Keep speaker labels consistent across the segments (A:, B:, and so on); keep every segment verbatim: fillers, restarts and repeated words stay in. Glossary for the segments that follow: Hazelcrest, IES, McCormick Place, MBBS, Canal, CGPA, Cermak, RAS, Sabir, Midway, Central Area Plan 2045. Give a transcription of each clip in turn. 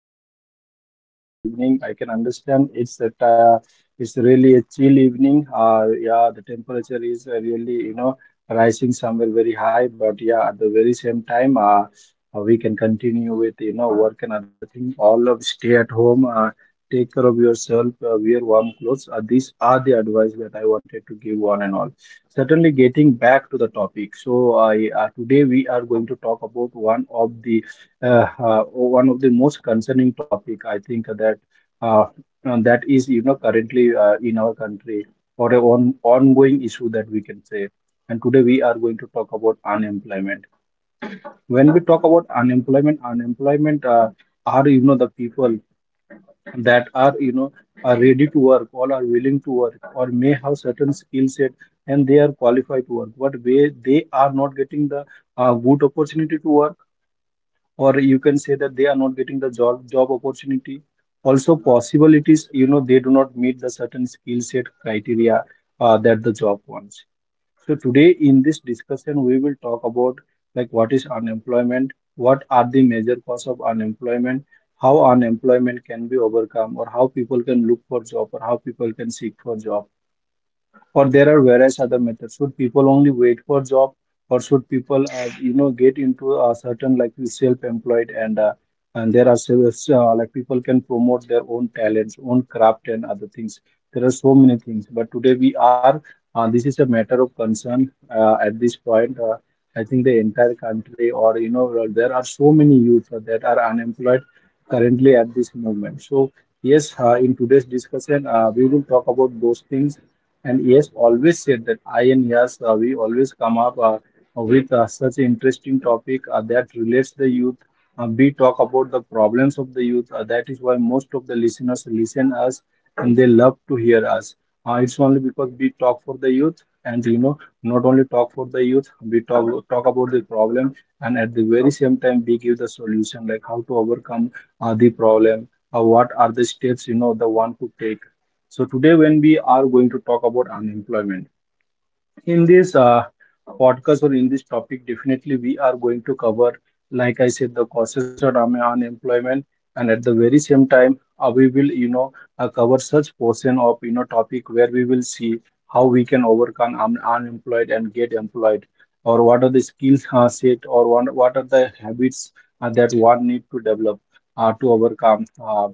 A: everyone is doing great this evening. I can understand it's a uh, it's really a chill evening. Uh, yeah, the temperature is uh, really you know rising somewhere very high, but yeah, at the very same time, uh, uh, we can continue with you know work and other things. All of stay at home. Uh, Take care of yourself, uh, wear warm clothes. Uh, these are the advice that I wanted to give one and all. Certainly, getting back to the topic. So, I uh, today we are going to talk about one of the uh, uh, one of the most concerning topic. I think that uh, and that is you know currently uh, in our country or a on, ongoing issue that we can say. And today we are going to talk about unemployment. When we talk about unemployment, unemployment uh, are you know the people that are you know are ready to work or are willing to work or may have certain skill set and they are qualified to work but way they are not getting the uh, good opportunity to work, or you can say that they are not getting the job job opportunity. Also possibilities, you know, they do not meet the certain skill set criteria uh, that the job wants. So today in this discussion, we will talk about like what is unemployment, what are the major cause of unemployment, how unemployment can be overcome, or how people can look for job, or how people can seek for job, or there are various other methods. Should people only wait for job, or should people, uh, you know, get into a certain like the self-employed, and uh, and there are several uh, like people can promote their own talents, own craft, and other things. There are so many things, but today we are. Uh, this is a matter of concern uh, at this point. Uh, I think the entire country, or you know, well, there are so many youth uh, that are unemployed currently at this moment. So yes, uh, in today's discussion, uh, we will talk about those things. And yes, always said that I and Yas, uh, we always come up uh, with uh, such interesting topic uh, that relates the youth. Uh, we talk about the problems of the youth. Uh, that is why most of the listeners listen us and they love to hear us. Uh, it's only because we talk for the youth, and you know, not only talk for the youth, we talk talk about the problem, and at the very same time we give the solution like how to overcome uh, the problem, uh, what are the steps, you know, the one could take. So today when we are going to talk about unemployment in this uh, podcast or in this topic, definitely we are going to cover, like I said, the causes of un- unemployment, and at the very same time uh, we will, you know, uh, cover such portion of, you know, topic where we will see how we can overcome un- unemployed and get employed, or what are the skills uh, set, or one, what are the habits uh, that one need to develop uh, to overcome uh,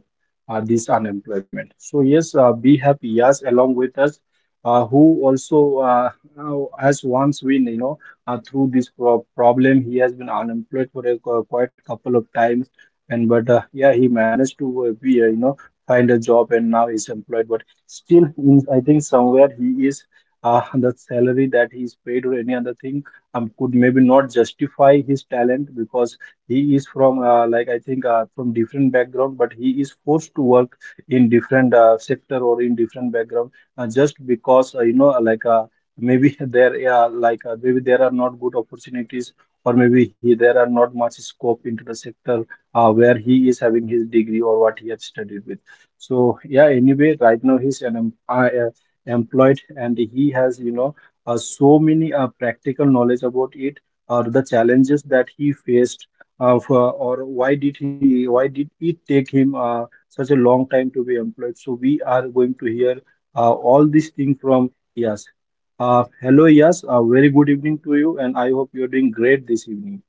A: uh, this unemployment. So yes, uh, we have Yas along with us, uh, who also uh, now, has once been, you know, uh, through this pro problem. He has been unemployed for a qu- quite couple of times, and but uh, yeah, he managed to uh, be, uh, you know, find a job, and now he's employed. But still, in, I think somewhere he is uh, the salary that he is paid or any other thing um, could maybe not justify his talent because he is from uh, like I think uh, from different background, but he is forced to work in different uh, sector or in different background uh, just because uh, you know like. Uh, maybe there yeah like uh, maybe there are not good opportunities, or maybe he there are not much scope into the sector uh, where he is having his degree or what he has studied with. So yeah, anyway, right now he's an em- uh, uh, employed and he has, you know, uh, so many uh, practical knowledge about it or the challenges that he faced uh, for, or why did he why did it take him uh, such a long time to be employed. So we are going to hear uh, all these things from yes uh, Hello, yes, a very good evening to you, and I hope you're doing great this evening.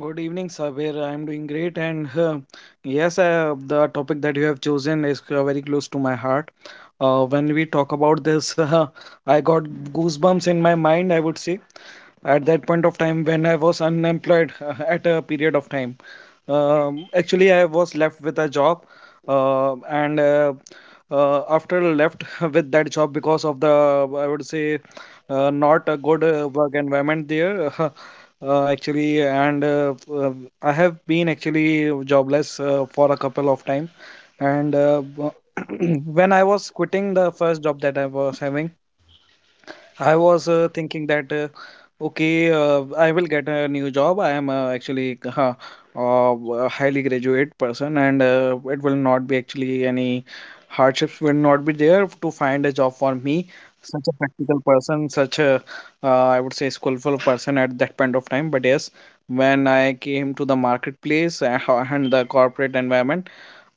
B: Good evening, Sabir. I'm doing great, and uh, yes, uh, the topic that you have chosen is uh, very close to my heart. Uh, when we talk about this, uh, I got goosebumps in my mind, I would say, at that point of time when I was unemployed uh, at a period of time. Um, actually, I was left with a job, uh, and uh, uh, after left with that job because of the I would say uh, not a good uh, work environment there. Uh, actually, and uh, uh, I have been actually jobless uh, for a couple of time, and uh, when I was quitting the first job that I was having, I was uh, thinking that uh, okay, uh, I will get a new job. I am uh, actually uh, uh, a highly graduate person, and uh, it will not be actually any hardships will not be there to find a job for me. Such a practical person, such a uh, I would say skillful person at that point of time. But yes, when I came to the marketplace uh, and the corporate environment,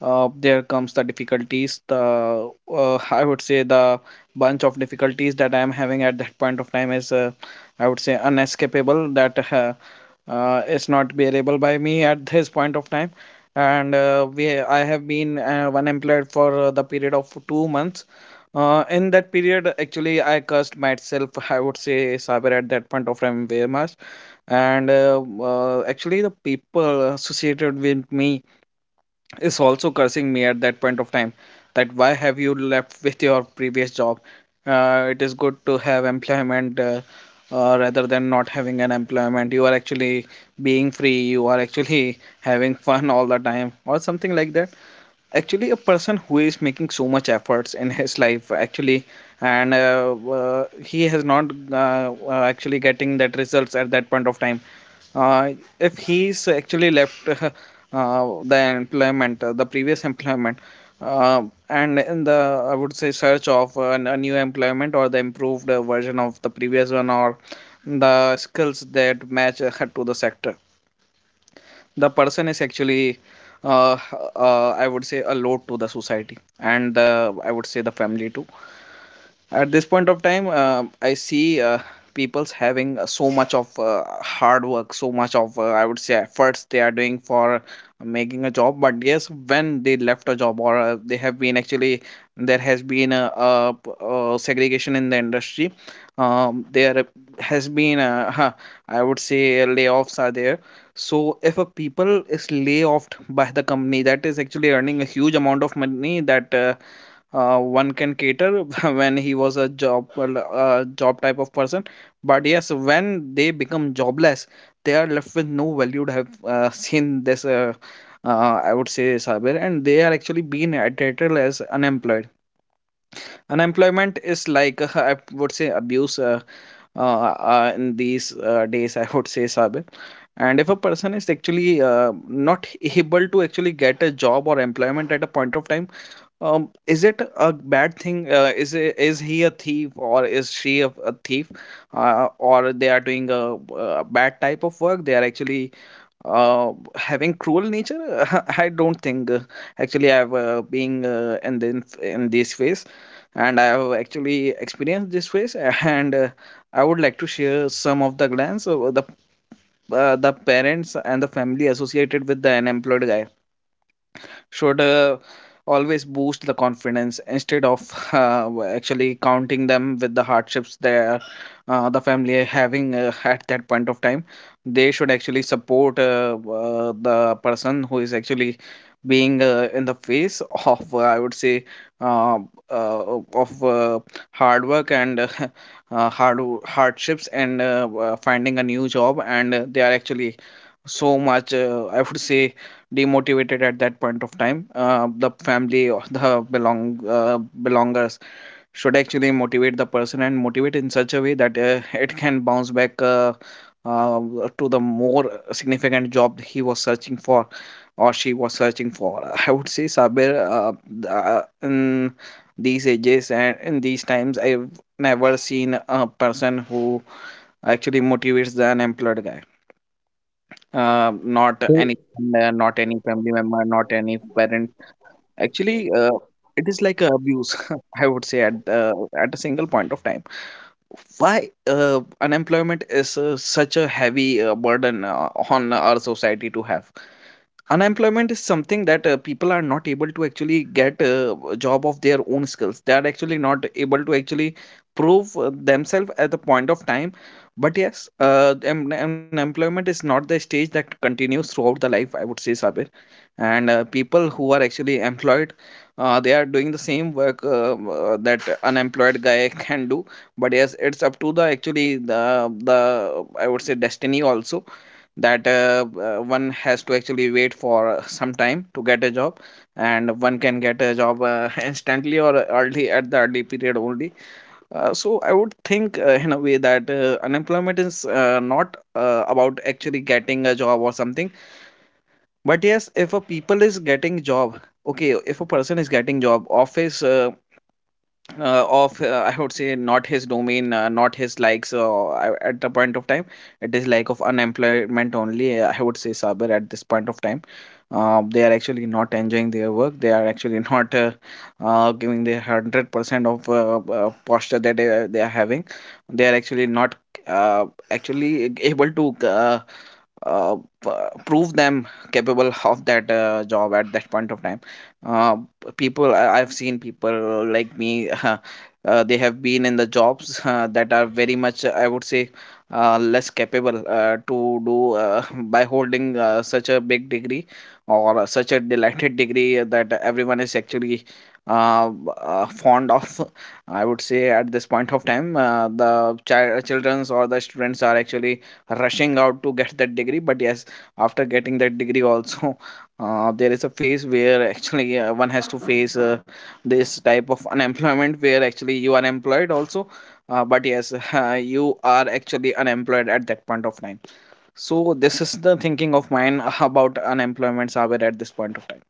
B: uh, there comes the difficulties. The uh, I would say the bunch of difficulties that I am having at that point of time is, uh, I would say, unescapable. That uh, uh, is not bearable by me at this point of time. And uh, we, I have been uh, unemployed for uh, the period of two months. Uh, in that period, actually, I cursed myself. I would say saber at that point of time very much. And uh, uh, actually, the people associated with me is also cursing me at that point of time that why have you left with your previous job, uh, it is good to have employment, uh, uh, rather than not having an employment. You are actually being free, you are actually having fun all the time or something like that. Actually a person who is making so much efforts in his life actually, and uh, uh, he has not uh, uh, actually getting that results at that point of time, uh, if he's actually left uh, uh, the employment, uh, the previous employment, uh, and in the I would say search of uh, an, a new employment or the improved uh, version of the previous one or the skills that match uh, to the sector, the person is actually uh, uh, I would say a load to the society and the I would say the family too. At this point of time uh, I see uh, people's having uh, so much of uh, hard work so much of uh, I would say efforts, they are doing for making a job. But yes, when they left a job or uh, they have been actually, there has been a, a, p- a segregation in the industry. Um, there has been a, huh, I would say layoffs are there. So if a people is laid off by the company that is actually earning a huge amount of money, that uh, uh, one can cater when he was a job well, uh, job type of person. But yes, when they become jobless, they are left with no value to have uh, seen this uh, uh, I would say cyber, and they are actually being treated as unemployed. Unemployment is like I would say abuse uh, uh, uh, in these uh, days, I would say cyber. And if a person is actually uh, not able to actually get a job or employment at a point of time, um, is it a bad thing? Uh, is it, is he a thief, or is she a, a thief? Uh, or they are doing a, uh bad type of work? They are actually uh, having cruel nature. I don't think uh, actually. I've uh, been uh, in the, in this phase, and I have actually experienced this phase. And uh, I would like to share some of the glance of the uh, the parents and the family associated with the unemployed guy. Should uh, always boost the confidence, instead of uh, actually counting them with the hardships that uh, the family are having uh, at that point of time. They should actually support uh, uh, the person who is actually being uh, in the face of, uh, I would say, uh, uh, of uh, hard work and uh, uh, hard hardships and uh, uh, finding a new job, and uh, they are actually so much uh, I would say demotivated at that point of time. Uh, the family or the belong uh, belongers should actually motivate the person, and motivate in such a way that uh, it can bounce back uh, uh, to the more significant job he was searching for, or she was searching for. I would say Sabir, uh, th- uh, in these ages and in these times, I've never seen a person who actually motivates the unemployed guy, uh,
A: Uh,
B: not
A: so,
B: any friend, uh, not any family member, not any parent. Actually uh, it is like a abuse. I would say, at uh, at a single point of time, why uh, unemployment is uh, such a heavy uh, burden uh, on our society to have. Unemployment is something that uh, people are not able to actually get uh, a job of their own skills. They are actually not able to actually prove uh, themselves at the point of time. But yes, uh, em- unemployment is not the stage that continues throughout the life, I would say Sabir. And uh, people who are actually employed, uh, they are doing the same work uh, uh, that unemployed guy can do. But yes, it's up to the actually the the I would say destiny also, that uh, uh, one has to actually wait for uh, some time to get a job, and one can get a job uh, instantly, or early at the early period only. Uh, so I would think uh, in a way that uh, unemployment is uh, not uh, about actually getting a job or something. But yes, if a people is getting job, okay, if a person is getting job office uh, uh, of uh, I would say not his domain, uh, not his likes uh, I- at the point of time. It is like of unemployment only. uh, I would say Saber at this point of time. Uh, they are actually not enjoying their work. They are actually not uh, uh, giving their hundred percent of uh, uh, posture that they, they are having. They are actually not uh, actually able to uh, uh, p- prove them capable of that uh, job at that point of time. Uh, People, I- I've seen people like me. Uh, they have been in the jobs uh, that are very much, I would say, uh, less capable uh, to do, uh, by holding uh, such a big degree or such a delighted degree that everyone is actually uh, uh, fond of. I would say at this point of time uh, the child children's or the students are actually rushing out to get that degree. But yes, after getting that degree also uh, there is a phase where actually uh, one has to face uh, this type of unemployment, where actually you are employed also uh, but yes uh, you are actually unemployed at that point of time. So this is the thinking of mine about unemployment, Saber, at this point of time.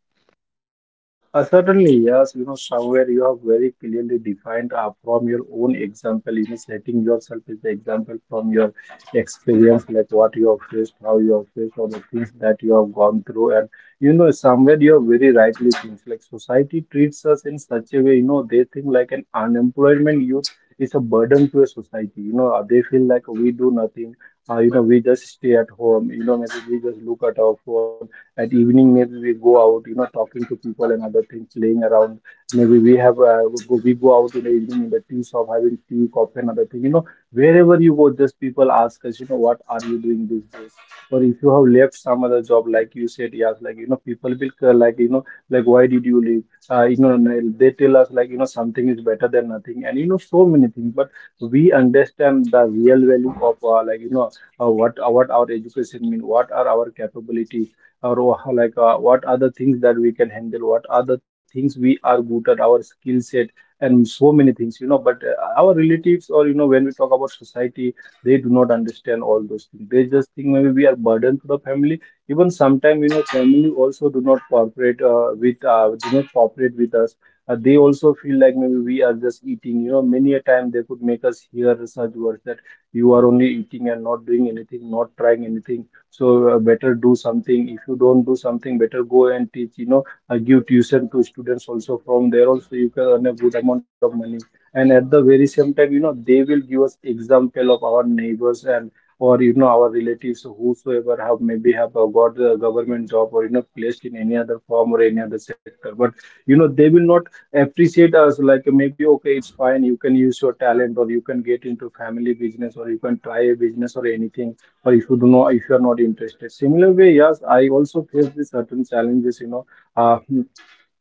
A: Uh, certainly, yes, you know, somewhere you have very clearly defined uh, from your own example, you know, setting yourself as the example from your experience, like what you have faced, how you have faced, all the things that you have gone through. And, you know, somewhere you have very rightly things like society treats us in such a way, you know, they think like an unemployment youth is a burden to a society. You know, uh, they feel like we do nothing. Uh, you know, we just stay at home. You know, maybe we just look at our phone at evening, maybe we go out, you know, talking to people and other things, playing around. Maybe we have uh, go- we go out in the evening in the tea shop, having tea, coffee, and other thing. You know, wherever you go, just people ask us, you know, what are you doing these days? Or if you have left some other job, like you said, yes, like you know, people will uh, like you know, like why did you leave? Uh, you know, they tell us like you know, something is better than nothing, and you know, so many things. But we understand the real value of uh, like you know, uh, what uh, what our education mean, what are our capability, or wha- like uh, what are the things that we can handle, what are the things we are good at, our skill set, and so many things, you know. But uh, our relatives, or you know, when we talk about society, they do not understand all those things. They just think maybe we are burden to the family. Even sometimes, you know, family also do not cooperate uh, with uh, do not cooperate with us. Uh, they also feel like maybe we are just eating. You know, many a time they could make us hear such words that you are only eating and not doing anything, not trying anything. So uh, better do something. If you don't do something, better go and teach, you know, uh, give tuition to students, also from there also you can earn a good amount of money. And at the very same time, you know, they will give us example of our neighbors, and or you know, our relatives whosoever have maybe have uh, got the government job or you know placed in any other form or any other sector. But you know, they will not appreciate us like maybe okay it's fine, you can use your talent or you can get into family business or you can try a business or anything, or if you do not, if you are not interested. Similar way, yes, I also faced the certain challenges, you know, uh, hmm,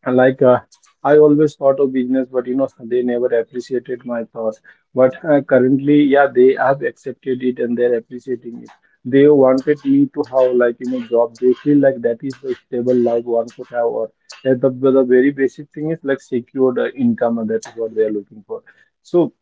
A: like uh, I always thought of business, but you know they never appreciated my thoughts. But uh, currently, yeah, they have accepted it and they're appreciating it. They wanted me to have like you know job. They feel like that is the stable life one could have, or uh, the, the very basic thing is like secured uh, income, and that is what they are looking for. So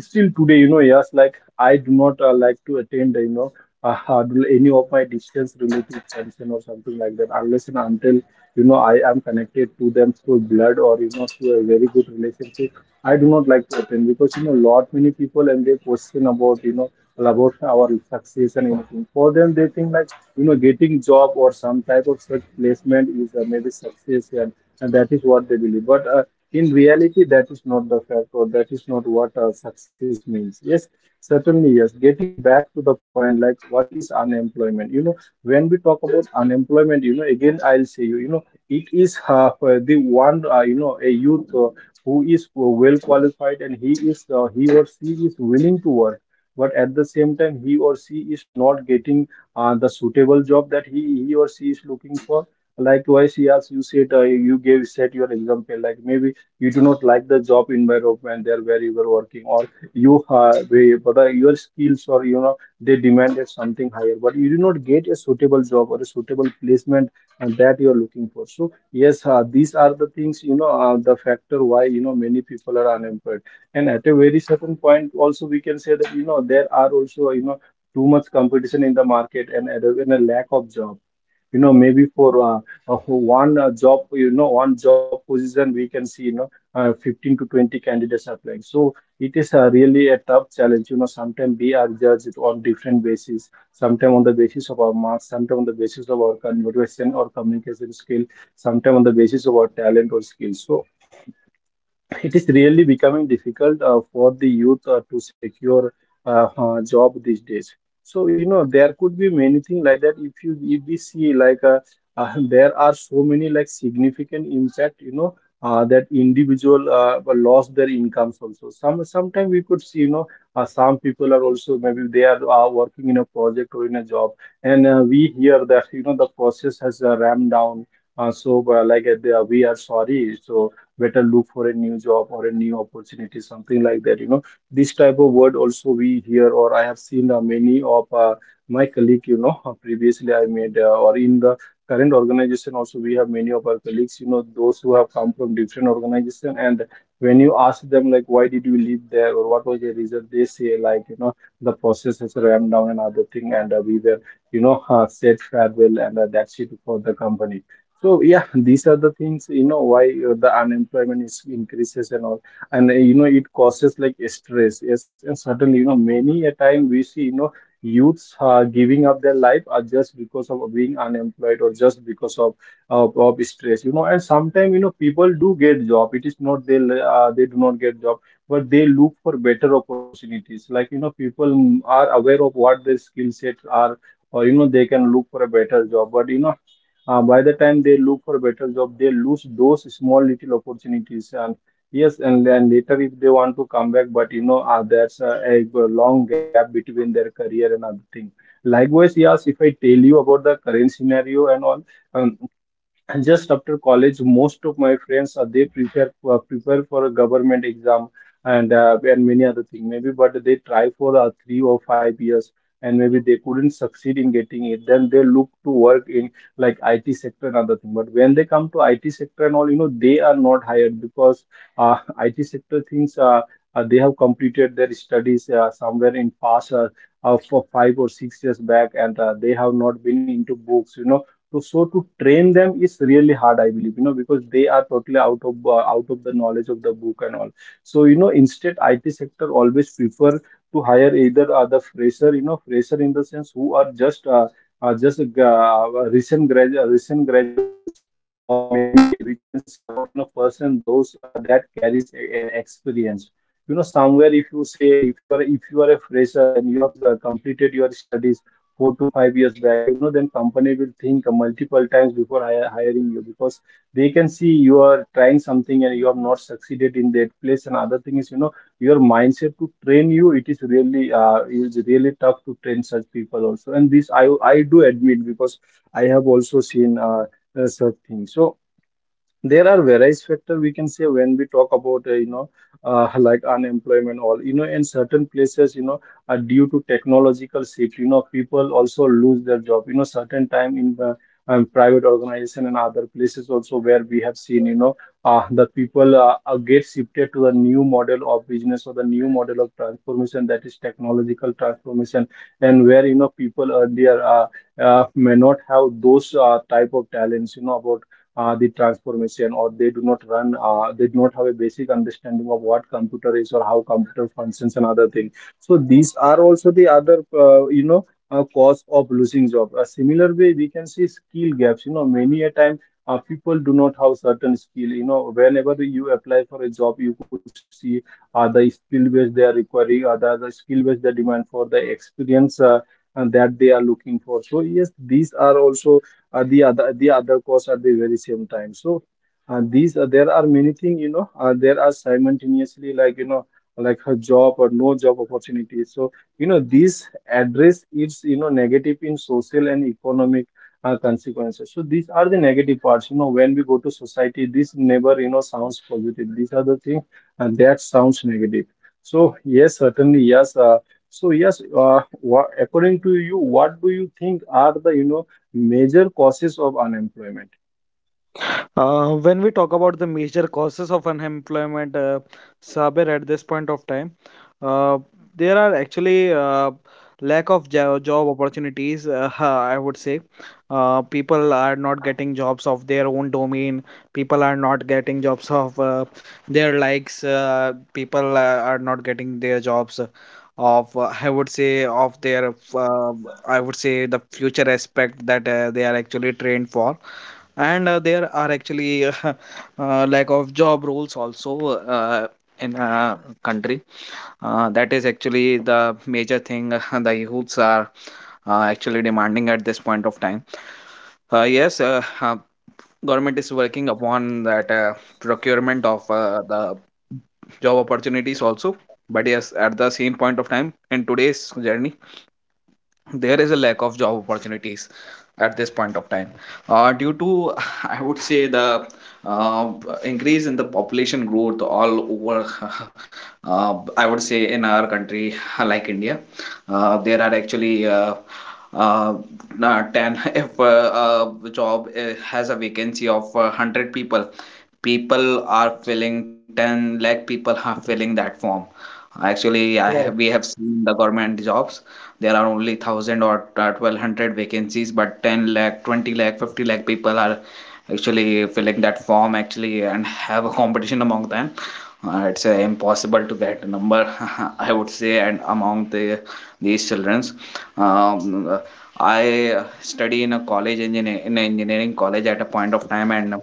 A: still today, you know, yes, like I do not uh, like to attend uh, you know uh, uh, do any of my distance related function or something like that, unless and until you know I am connected to them through blood or you know through a very good relationship. I do not like to attend because you know lot many people, and they question about you know about our success and anything. For them, they think like you know getting job or some type of such placement is uh, maybe success, and, and that is what they believe. But uh, in reality that is not the fact, or that is not what uh, success means. Yes, certainly, yes, getting back to the point, like what is unemployment. You know, when we talk about unemployment, you know, again I'll say, you you know, it is uh, the one uh, you know, a youth uh, who is well qualified and he is uh, he or she is willing to work, but at the same time he or she is not getting uh, The suitable job that he he or she is looking for. Likewise, yes, you said, uh, you gave set your example like maybe you do not like the job environment there where you were working, or you uh, way- but uh, your skills or, you know, they demanded something higher, but you do not get a suitable job or a suitable placement and that you're looking for. So yes, uh, these are the things, you know, uh, the factor why, you know, many people are unemployed. And at a very certain point also, we can say that, you know, there are also, you know, too much competition in the market, and, and a and a lack of job. You know, maybe for uh, uh, for one uh, job, you know, one job position, we can see, you know, uh, fifteen to twenty candidates applying. So it is, uh, really a tough challenge, you know. Sometimes we are judged on different basis: sometimes on the basis of our marks, sometimes on the basis of our con- motivation or communication skill, sometimes on the basis of our talent or skills. So it is really becoming difficult uh, for the youth uh, to secure uh, uh, job these days. So, you know, there could be many things like that. If you if we see like uh, uh, there are so many like significant impact, you know, uh, that individual uh, lost their incomes also. Some sometimes we could see, you know, uh, some people are also maybe they are uh, working in a project or in a job, and uh, we hear that, you know, the process has uh, ramped down. Uh, so uh, like uh, they are- we are sorry, so better look for a new job or a new opportunity, something like that, you know. This type of word also we hear, or I have seen uh, many of uh, my colleague, you know. Previously I made uh, or in the current organization also, we have many of our colleagues, you know, those who have come from different organization. And when you ask them like why did you leave there or what was the reason, they say like, you know, the process has ramped down and other thing, and uh, we were, you know, uh, said farewell, and uh, that's it for the company. So yeah, these are the things, you know, why uh, the unemployment is increases and all, and uh, you know, it causes like stress. Yes, and suddenly, you know, many a time we see, you know, youths uh, giving up their life are just because of being unemployed or just because of of, of stress. You know, and sometimes, you know, people do get job. It is not they uh, they do not get job, but they look for better opportunities. Like, you know, people mm, are aware of what their skill sets are, or, you know, they can look for a better job. But, you know, uh, by the time they look for better job, they lose those small little opportunities. And yes, and then later if they want to come back, but, you know, uh, there's a, a long gap between their career and other thing. Likewise, yes, if I tell you about the current scenario and all, um, and just after college, most of my friends uh, they prepare uh, prepare for a government exam, and uh, and many other thing maybe, but they try for uh, three or five years, and maybe they couldn't succeed in getting it. Then they look to work in like I T sector and other thing. But when they come to I T sector and all, you know, they are not hired because uh, I T sector things, uh, uh, they have completed their studies uh, somewhere in past, uh, uh, for five or six years back, and uh, they have not been into books, you know. So, so to train them is really hard, I believe, you know, because they are totally out of uh, out of the knowledge of the book and all. So, you know, instead, I T sector always prefer to hire either uh, the fresher, you know, fresher in the sense who are just uh, uh, just uh, uh, recent grad uh, recent graduates, or maybe we can say about, you know, person those uh, that carries a, a experience. You know, somewhere if you say if you are if you are a fresher and you have uh, completed your studies four to five years back, you know, then company will think multiple times before hi- hiring you, because they can see you are trying something and you have not succeeded in that place. And other thing is, you know, your mindset to train you, it is really, uh, it is really tough to train such people also. And this I I do admit, because I have also seen uh, uh, such things. So there are various factors we can say when we talk about, uh, you know, uh, like unemployment all, you know, in certain places, you know, are due to technological shift. You know, people also lose their job, you know, certain time in the um, private organization and other places also, where we have seen, you know, uh, the people uh, uh, get shifted to the new model of business or the new model of transformation, that is technological transformation. And where, you know, people earlier uh, uh, may not have those uh, type of talents, you know, about uh, the transformation, or they do not run uh, they do not have a basic understanding of what computer is or how computer functions and other things. So these are also the other, uh, you know, uh, cause of losing job. A similar way, we can see skill gaps. You know, many a time uh, people do not have certain skill. You know, whenever you apply for a job, you could see uh, the skill base they are requiring, or the, the skill base they demand for the experience uh, and that they are looking for. So yes, these are also uh, the other the other course at the very same time. So uh, these are there are many things, you know, uh, there are simultaneously, like, you know, like a job or no job opportunity. So, you know, these address its, you know, negative in social and economic uh, consequences. So these are the negative parts, you know, when we go to society, this never, you know, sounds positive. These are the things uh, that sounds negative. So yes, certainly, yes. Uh, so yes, uh, wha- according to you, what do you think are the, you know, major causes of unemployment?
B: Uh, when we talk about the major causes of unemployment, uh, Saber, at this point of time, uh, there are actually uh, lack of jo- job opportunities. Uh, I would say uh, people are not getting jobs of their own domain. People are not getting jobs of uh, their likes. Uh, people uh, are not getting their jobs uh, of uh, I would say of their uh, I would say the future aspect that uh, they are actually trained for, and uh, there are actually uh, lack of job roles also uh, in a country uh, that is actually the major thing the youths are uh, actually demanding at this point of time. Uh, yes, uh, uh, government is working upon that, uh, procurement of uh, the job opportunities also. But yes, at the same point of time, in today's journey there is a lack of job opportunities at this point of time, uh, due to I would say the uh, increase in the population growth all over, uh, I would say, in our country like India. Uh, there are actually uh, uh, uh, ten if a uh, uh, job uh, has a vacancy of uh, one hundred people, people are filling, ten lakh people are filling that form. Actually, I,
A: Right.
B: we have seen the government jobs, there are only one thousand or twelve hundred vacancies, but ten lakh, twenty lakh, fifty lakh people are actually filling that form actually and have a competition among them. Uh, it's uh, impossible to get a number, I would say. And among the these childrens, um, I study in a college engineer in an engineering college at a point of time, and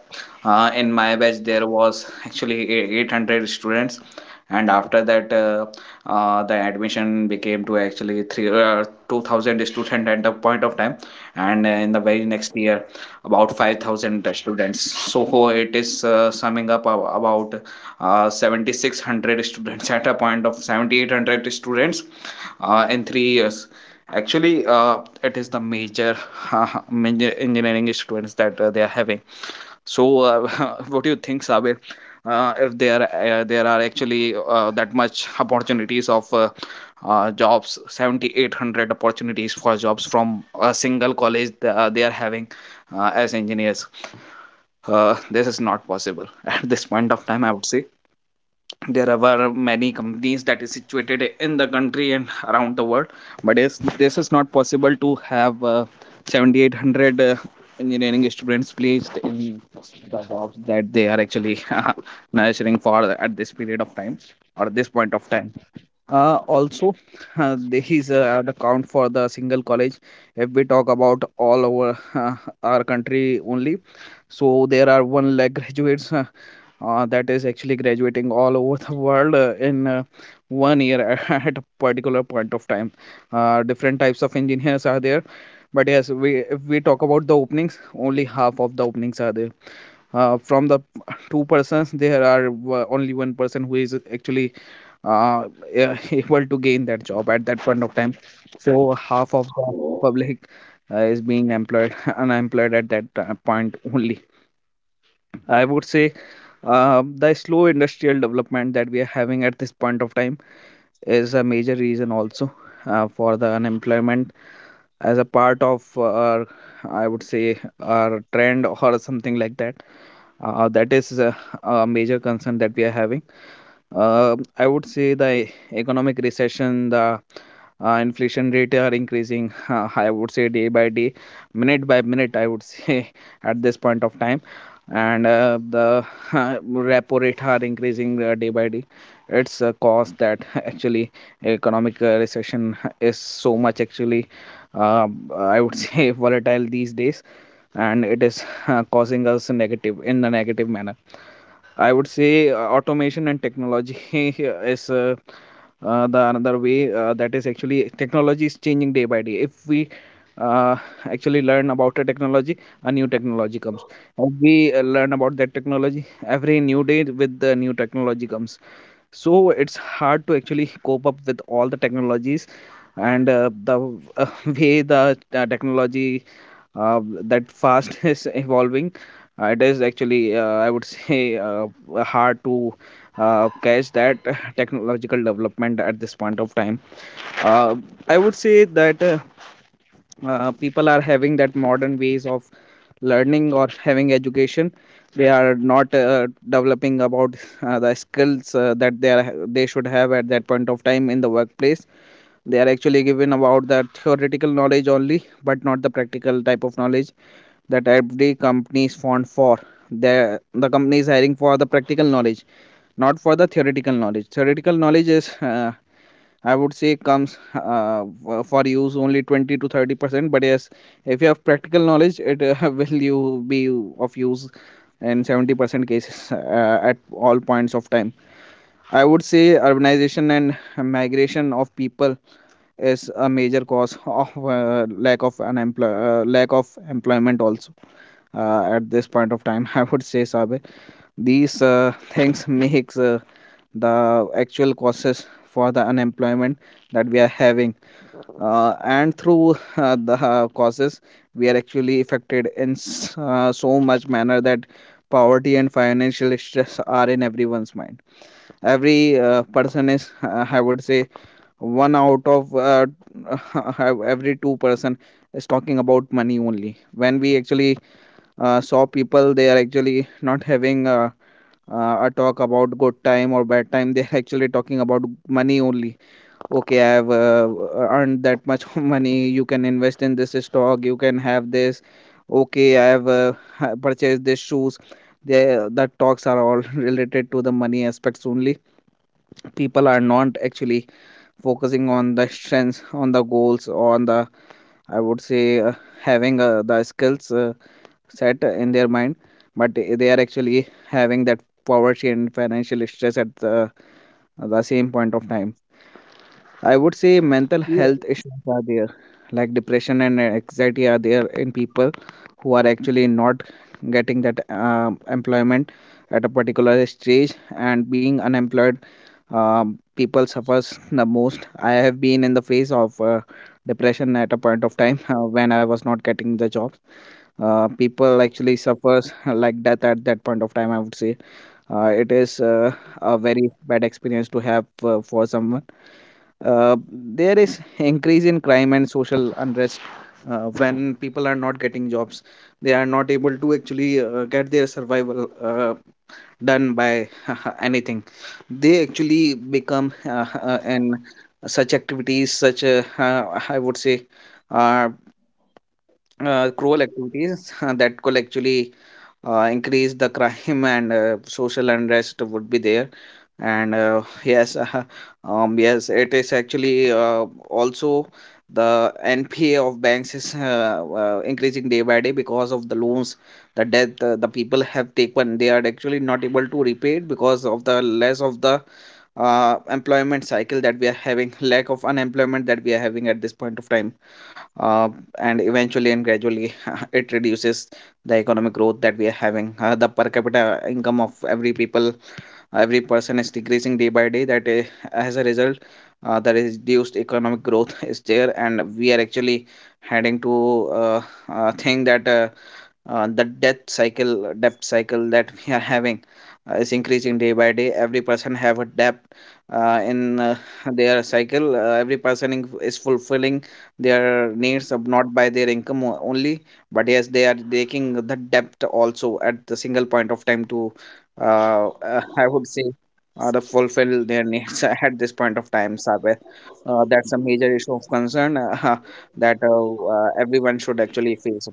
B: uh, in my batch there was actually e- eight hundred students. And after that, uh, uh, the admission became to actually three, uh, two thousand student at the point of time. And uh, in the very next year, about five thousand students. So it is uh, summing up ab- about uh, seven thousand six hundred students, at a point of seven thousand eight hundred students, uh, in three years. Actually, uh, it is the major, major engineering students that uh, they are having. So, uh, what do you think, Sabir? Uh, if there uh, there are actually uh, that much opportunities of uh, uh, jobs, seven thousand eight hundred opportunities for jobs from a single college, th- uh, they are having uh, as engineers. Uh, this is not possible at this point of time. I would say there are many companies that is situated in the country and around the world, but yes, this is not possible to have uh, seven thousand eight hundred uh, engineering students placed in the jobs that they are actually nurturing for at this period of time or this point of time. Uh, also, uh, there is uh, an account for the single college. If we talk about all over uh, our country only, so there are one lakh graduates, uh, uh, that is actually graduating all over the world uh, in uh, one year at a particular point of time. Uh, different types of engineers are there, but yes, we if we talk about the openings, only half of the openings are there. uh, from the p- Two persons, there are w- only one person who is actually uh, uh, able to gain that job at that point of time. So half of the public uh, is being employed unemployed at that uh, point only. I would say uh, the slow industrial development that we are having at this point of time is a major reason also uh, for the unemployment as a part of uh, our, I would say, our trend or something like that. Uh, that is a, a major concern that we are having. uh, I would say the economic recession, the uh, inflation rate are increasing, uh, I would say, day by day, minute by minute, I would say, at this point of time. And uh, the repo rate are increasing uh, day by day. It's a cause that actually economic uh, recession is so much actually, uh, I would say, volatile these days, and it is uh, causing us negative in a negative manner. I would say uh, automation and technology is, uh, uh, the another way. Uh, that is actually technology is changing day by day. If we uh, actually learn about a technology, a new technology comes. If we uh, learn about that technology, every new day with the new technology comes. So it's hard to actually cope up with all the technologies. And uh, the uh, way the uh, technology, uh, that fast, is evolving, uh, it is actually, uh, I would say, uh, hard to uh, catch that technological development at this point of time. uh, I would say that, uh, uh, people are having that modern ways of learning or having education, they are not uh, developing about uh, the skills uh, that they are they should have at that point of time in the workplace. They are actually given about the theoretical knowledge only, but not the practical type of knowledge that every company is fond for. The the company is hiring for the practical knowledge, not for the theoretical knowledge. Theoretical knowledge is, uh, I would say, comes uh, for for use only twenty to thirty percent. But yes, if you have practical knowledge, it uh, will you be of use in seventy percent cases uh, at all points of time. I would say urbanization and migration of people is a major cause of uh, lack of unemploy- uh, lack of employment also uh, at this point of time. I would say, Sabe, these uh, things makes uh, the actual causes for the unemployment that we are having. Uh, and through uh, the uh, causes we are actually affected in s- uh, so much manner that poverty and financial stress are in everyone's mind. Every uh, person is, uh, I would say, one out of, uh, have- every two person is talking about money only. When we actually uh, saw people, they are actually not having uh, uh, a talk about good time or bad time, they're actually talking about money only. Okay, I have uh, uh, earned that much money, you can invest in this stock, you can have this. Okay, I have uh, purchased these shoes. The, the talks are all related to the money aspects only. People are not actually focusing on the strengths, on the goals, on the, I would say, uh, having uh, the skills uh, set in their mind, but they are actually having that poverty and financial stress at the, the same point of time. I would say mental
A: Yeah.
B: health issues are there, like depression and anxiety are there in people who are actually not getting that um, employment at a particular stage and being unemployed. Um, people suffers the most. I have been in the phase of uh, depression at a point of time, uh, when I was not getting the job. Uh, people actually suffers like death at that point of time. I would say uh, it is uh, a very bad experience to have uh, for someone. Uh, there is increase in crime and social unrest uh, when people are not getting jobs, they are not able to actually uh, get their survival uh, done by anything. They actually become, uh, uh, in such activities, such, uh, uh, I would say, uh, uh, cruel activities that could actually uh, increase the crime, and uh, social unrest would be there. And uh, yes, um, yes, it is actually uh, also the N P A of banks is uh, uh, increasing day by day because of the loans, the debt uh, the people have taken, they are actually not able to repay it because of the less of the uh, employment cycle that we are having, lack of unemployment that we are having at this point of time. uh, and eventually and gradually it reduces the economic growth that we are having. Uh, the per capita income of every people, uh, every person is decreasing day by day. That is, as a result, uh, the reduced economic growth is there, and we are actually heading to uh, uh, think that uh, uh, the death cycle uh, debt cycle that we are having uh, is increasing day by day. Every person have a debt uh, in uh, their cycle. Uh, every person in- is fulfilling their needs of not by their income o- only, but yes, they are taking the debt also at the single point of time to uh, uh, I would say, uh, to fulfill their needs at this point of time, Saber. Uh, that's a major issue of concern, uh, that uh, uh, everyone should actually face.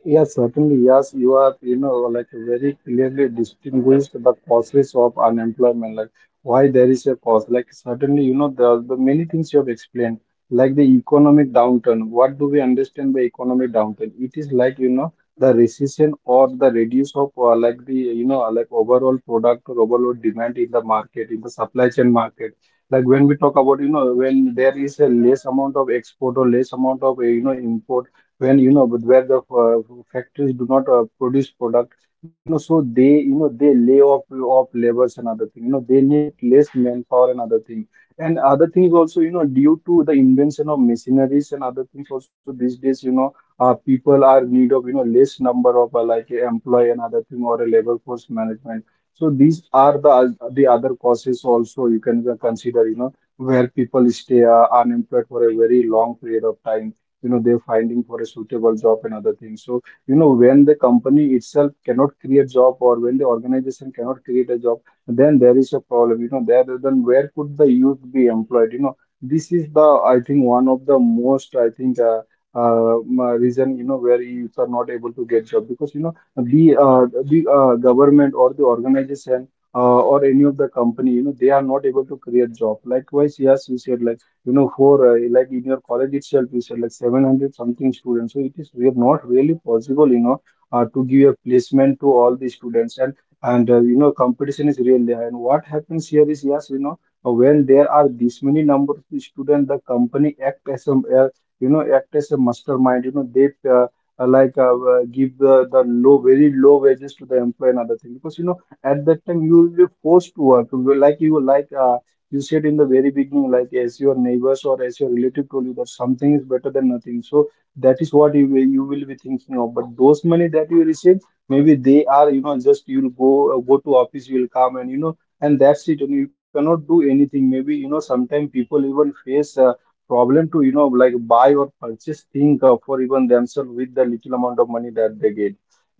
A: Yes, certainly. Yes, you are, you know, like very clearly distinguished the causes of unemployment, like why there is a cause. Like certainly, you know, the, the many things you have explained, like the economic downturn. What do we understand by economic downturn? It is like, you know, the recession or the reduce of, uh, like the, you know, like overall product or overall demand in the market, in the supply chain market. Like when we talk about, you know, when there is a less amount of export or less amount of, uh, you know, import, when you know, but where the uh, factories do not uh, produce product, you know, so they, you know, they lay off off labors and other thing. You know, they need less manpower and other thing, and other things also, you know, due to the invention of machineries and other things also these days, you know, uh, people are need of, you know, less number of, uh, like uh, employee and other thing, or a labor force management. So these are the the other causes also you can, uh, consider, you know, where people stay uh, unemployed for a very long period of time. You know, they're finding for a suitable job and other things. So you know, when the company itself cannot create job, or when the organization cannot create a job, then there is a problem. You know, there then where could the youth be employed? You know, this is the I think one of the most, I think, uh, uh, m- reason, you know, where youth are not able to get job, because you know, the uh, the uh, government or the organization uh, or any of the company, you know, they are not able to create job. Likewise, yes, you said like, you know, for uh, like in your college itself, you said like seven hundred something students, so it is we are not really possible, you know, uh, to give a placement to all the students. and and uh, you know, competition is real there, and what happens here is, yes, you know, uh, when there are this many number of students, the company act as a uh, you know act as a mastermind. you know they uh, uh, like, uh, uh, give the, the low very low wages to the employee and other thing, because you know at that time you will be forced to work. You will- like you will, like uh, you said in the very beginning, like, as your neighbors or as your relative told you, that something is better than nothing, so that is what you will, you will be thinking of. But those money that you receive, maybe they are, you know just you'll go uh, go to office, you'll come, and you know and that's it, and you cannot do anything. Maybe, you know sometimes people even face uh, problem to, you know like, buy or purchase thing uh, for even themselves, with the little amount of money that they get.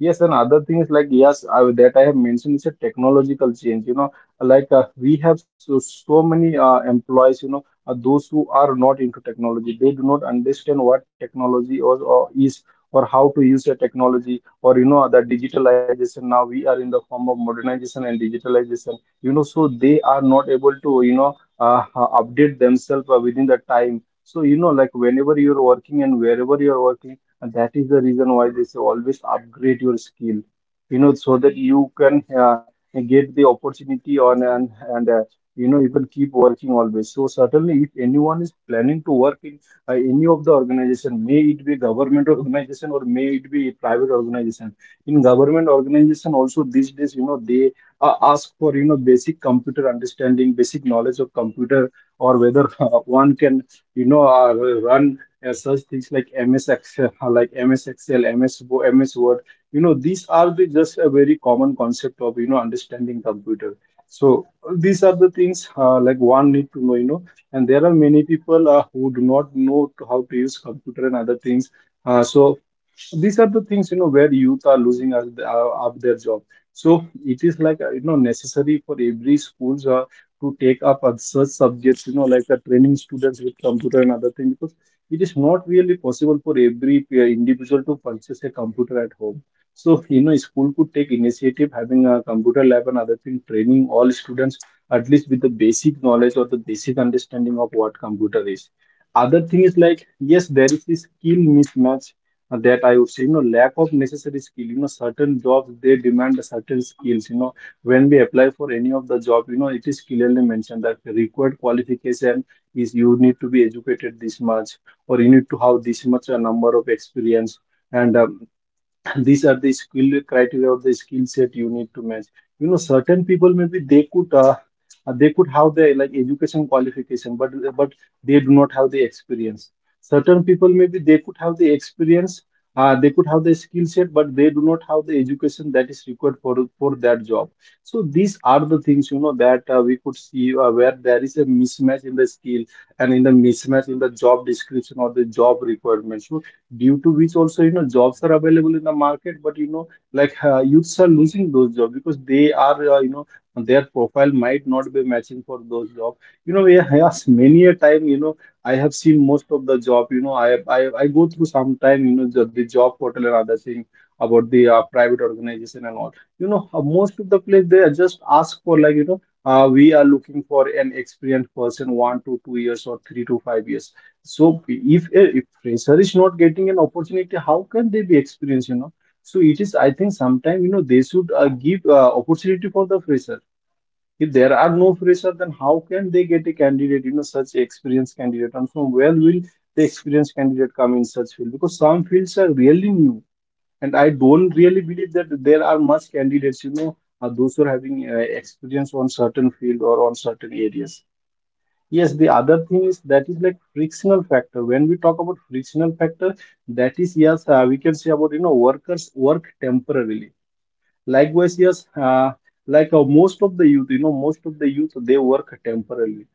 A: Yes, and other things, like, yes, I, that I have mentioned, is a technological change, you know like, uh, we have so, so many uh, employees, you know uh, those who are not into technology, they do not understand what technology, or, or is, or how to use the technology, or, you know the digitalization. Now we are in the form of modernization and digitalization. You know so they are not able to, you know uh, uh, update themselves uh, within the time. So, you know like, whenever you're working and wherever you're working, and that is the reason why they say, always upgrade your skill, you know so that you can uh, get the opportunity on, and and uh, you know you can keep working always. So certainly, if anyone is planning to work in uh, any of the organization, may it be government organization or may it be private organization, in government organization also, these days, you know they uh, ask for, you know basic computer understanding, basic knowledge of computer, or whether uh, one can, you know uh, run uh, such things like MS Excel, like MS Excel, ms Wo- MS Word. you know these are the just a very common concept of, you know understanding computer. So these are the things, uh, like, one need to know, you know and there are many people uh, who do not know to how to use computer and other things. Uh, so these are the things, you know where youth are losing us uh, of their job. So it is like, uh, you know necessary for every schools uh, to take up on such subjects, you know like, uh, training students with computer and other thing, because it is not really possible for every uh, individual to purchase a computer at home. So, you know school could take initiative, having a computer lab and other thing, training all students at least with the basic knowledge or the basic understanding of what computer is. Other thing is, like, yes, there is this skill mismatch, that I would say, you know, lack of necessary skill. You know, certain jobs, they demand certain skills. You know, when we apply for any of the job, you know, it is clearly mentioned that the required qualification is, you need to be educated this much, or you need to have this much a number of experience. And um, these are the skill criteria or the skill set you need to match. you know certain people, maybe they could uh, uh, they could have the, like, education qualification, but but they do not have the experience. Certain people, maybe they could have the experience, uh, they could have the skill set, but they do not have the education that is required for for that job. So these are the things, you know that uh, we could see uh, where there is a mismatch in the skill, and in the mismatch in the job description or the job requirements, due to which also, you know jobs are available in the market, but, you know like, uh, youths are losing those jobs because they are, uh, you know their profile might not be matching for those jobs. you know yeah, yes, many a time, you know I have seen most of the job. you know I I, I go through some time, you know the, the job portal and other thing, about the uh, private organization and all. you know uh, most of the place, they just ask for, like, you know uh, we are looking for an experienced person, one to two years or three to five years. So if a if fresher is not getting an opportunity, how can they be experienced, you know? So it is, I think, sometime, you know, they should uh, give uh, opportunity for the fresher. If there are no fresher, then how can they get a candidate, you know, such experienced candidate? And from where will the experienced candidate come in such field? Because some fields are really new, and I don't really believe that there are much candidates, you know, uh, those who are having uh, experience on certain field or on certain areas. Yes, the other thing is, that is like frictional factor. When we talk about frictional factor, that is, yes, uh, we can say about, you know workers work temporarily. Likewise, yes, uh, like, uh, most of the youth, you know, most of the youth, they work temporarily,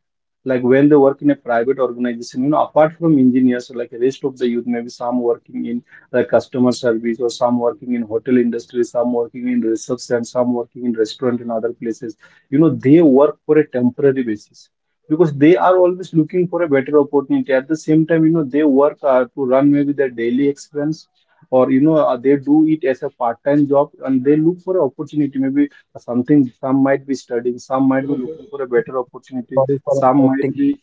A: like when they work in a private organization, you know apart from engineers, like, rest of the youth, maybe some working in, like, customer service, or some working in hotel industry, some working in reception, some working in restaurant and other places. you know they work for a temporary basis, because they are always looking for a better opportunity. At the same time, you know they work uh, to run maybe their daily expense, or, you know uh, they do it as a part-time job, and they look for an opportunity, maybe something, some might be studying, some might be looking for a better opportunity,
B: Sorry for
A: some might
B: interrupting.
A: be.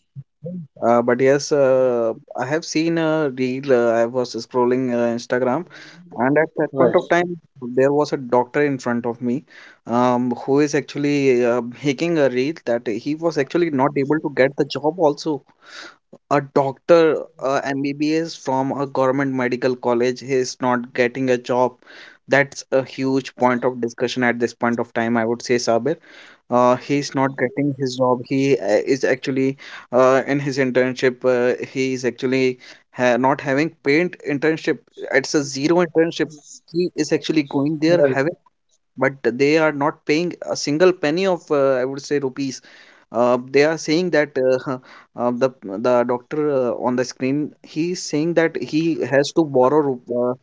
B: Uh, but yes, uh, I have seen a reel. Uh, I was scrolling uh, Instagram, and at that point
A: Right.
B: of time, there was a doctor in front of me, um, who is actually uh, making a reel that he was actually not able to get the job. Also, a doctor, uh, M B B S from a government medical college, he is not getting a job. That's a huge point of discussion at this point of time. I would say, Sabir. Uh, he's not getting his job. He uh, is actually uh, in his internship. Uh, he is actually ha- not having paid internship. It's a zero internship. He is actually going there
A: Well,
B: having, but they are not paying a single penny of, uh, I would say, rupees. Uh, they are saying that uh, uh, the the doctor uh, on the screen, he's saying that he has to borrow ru- uh,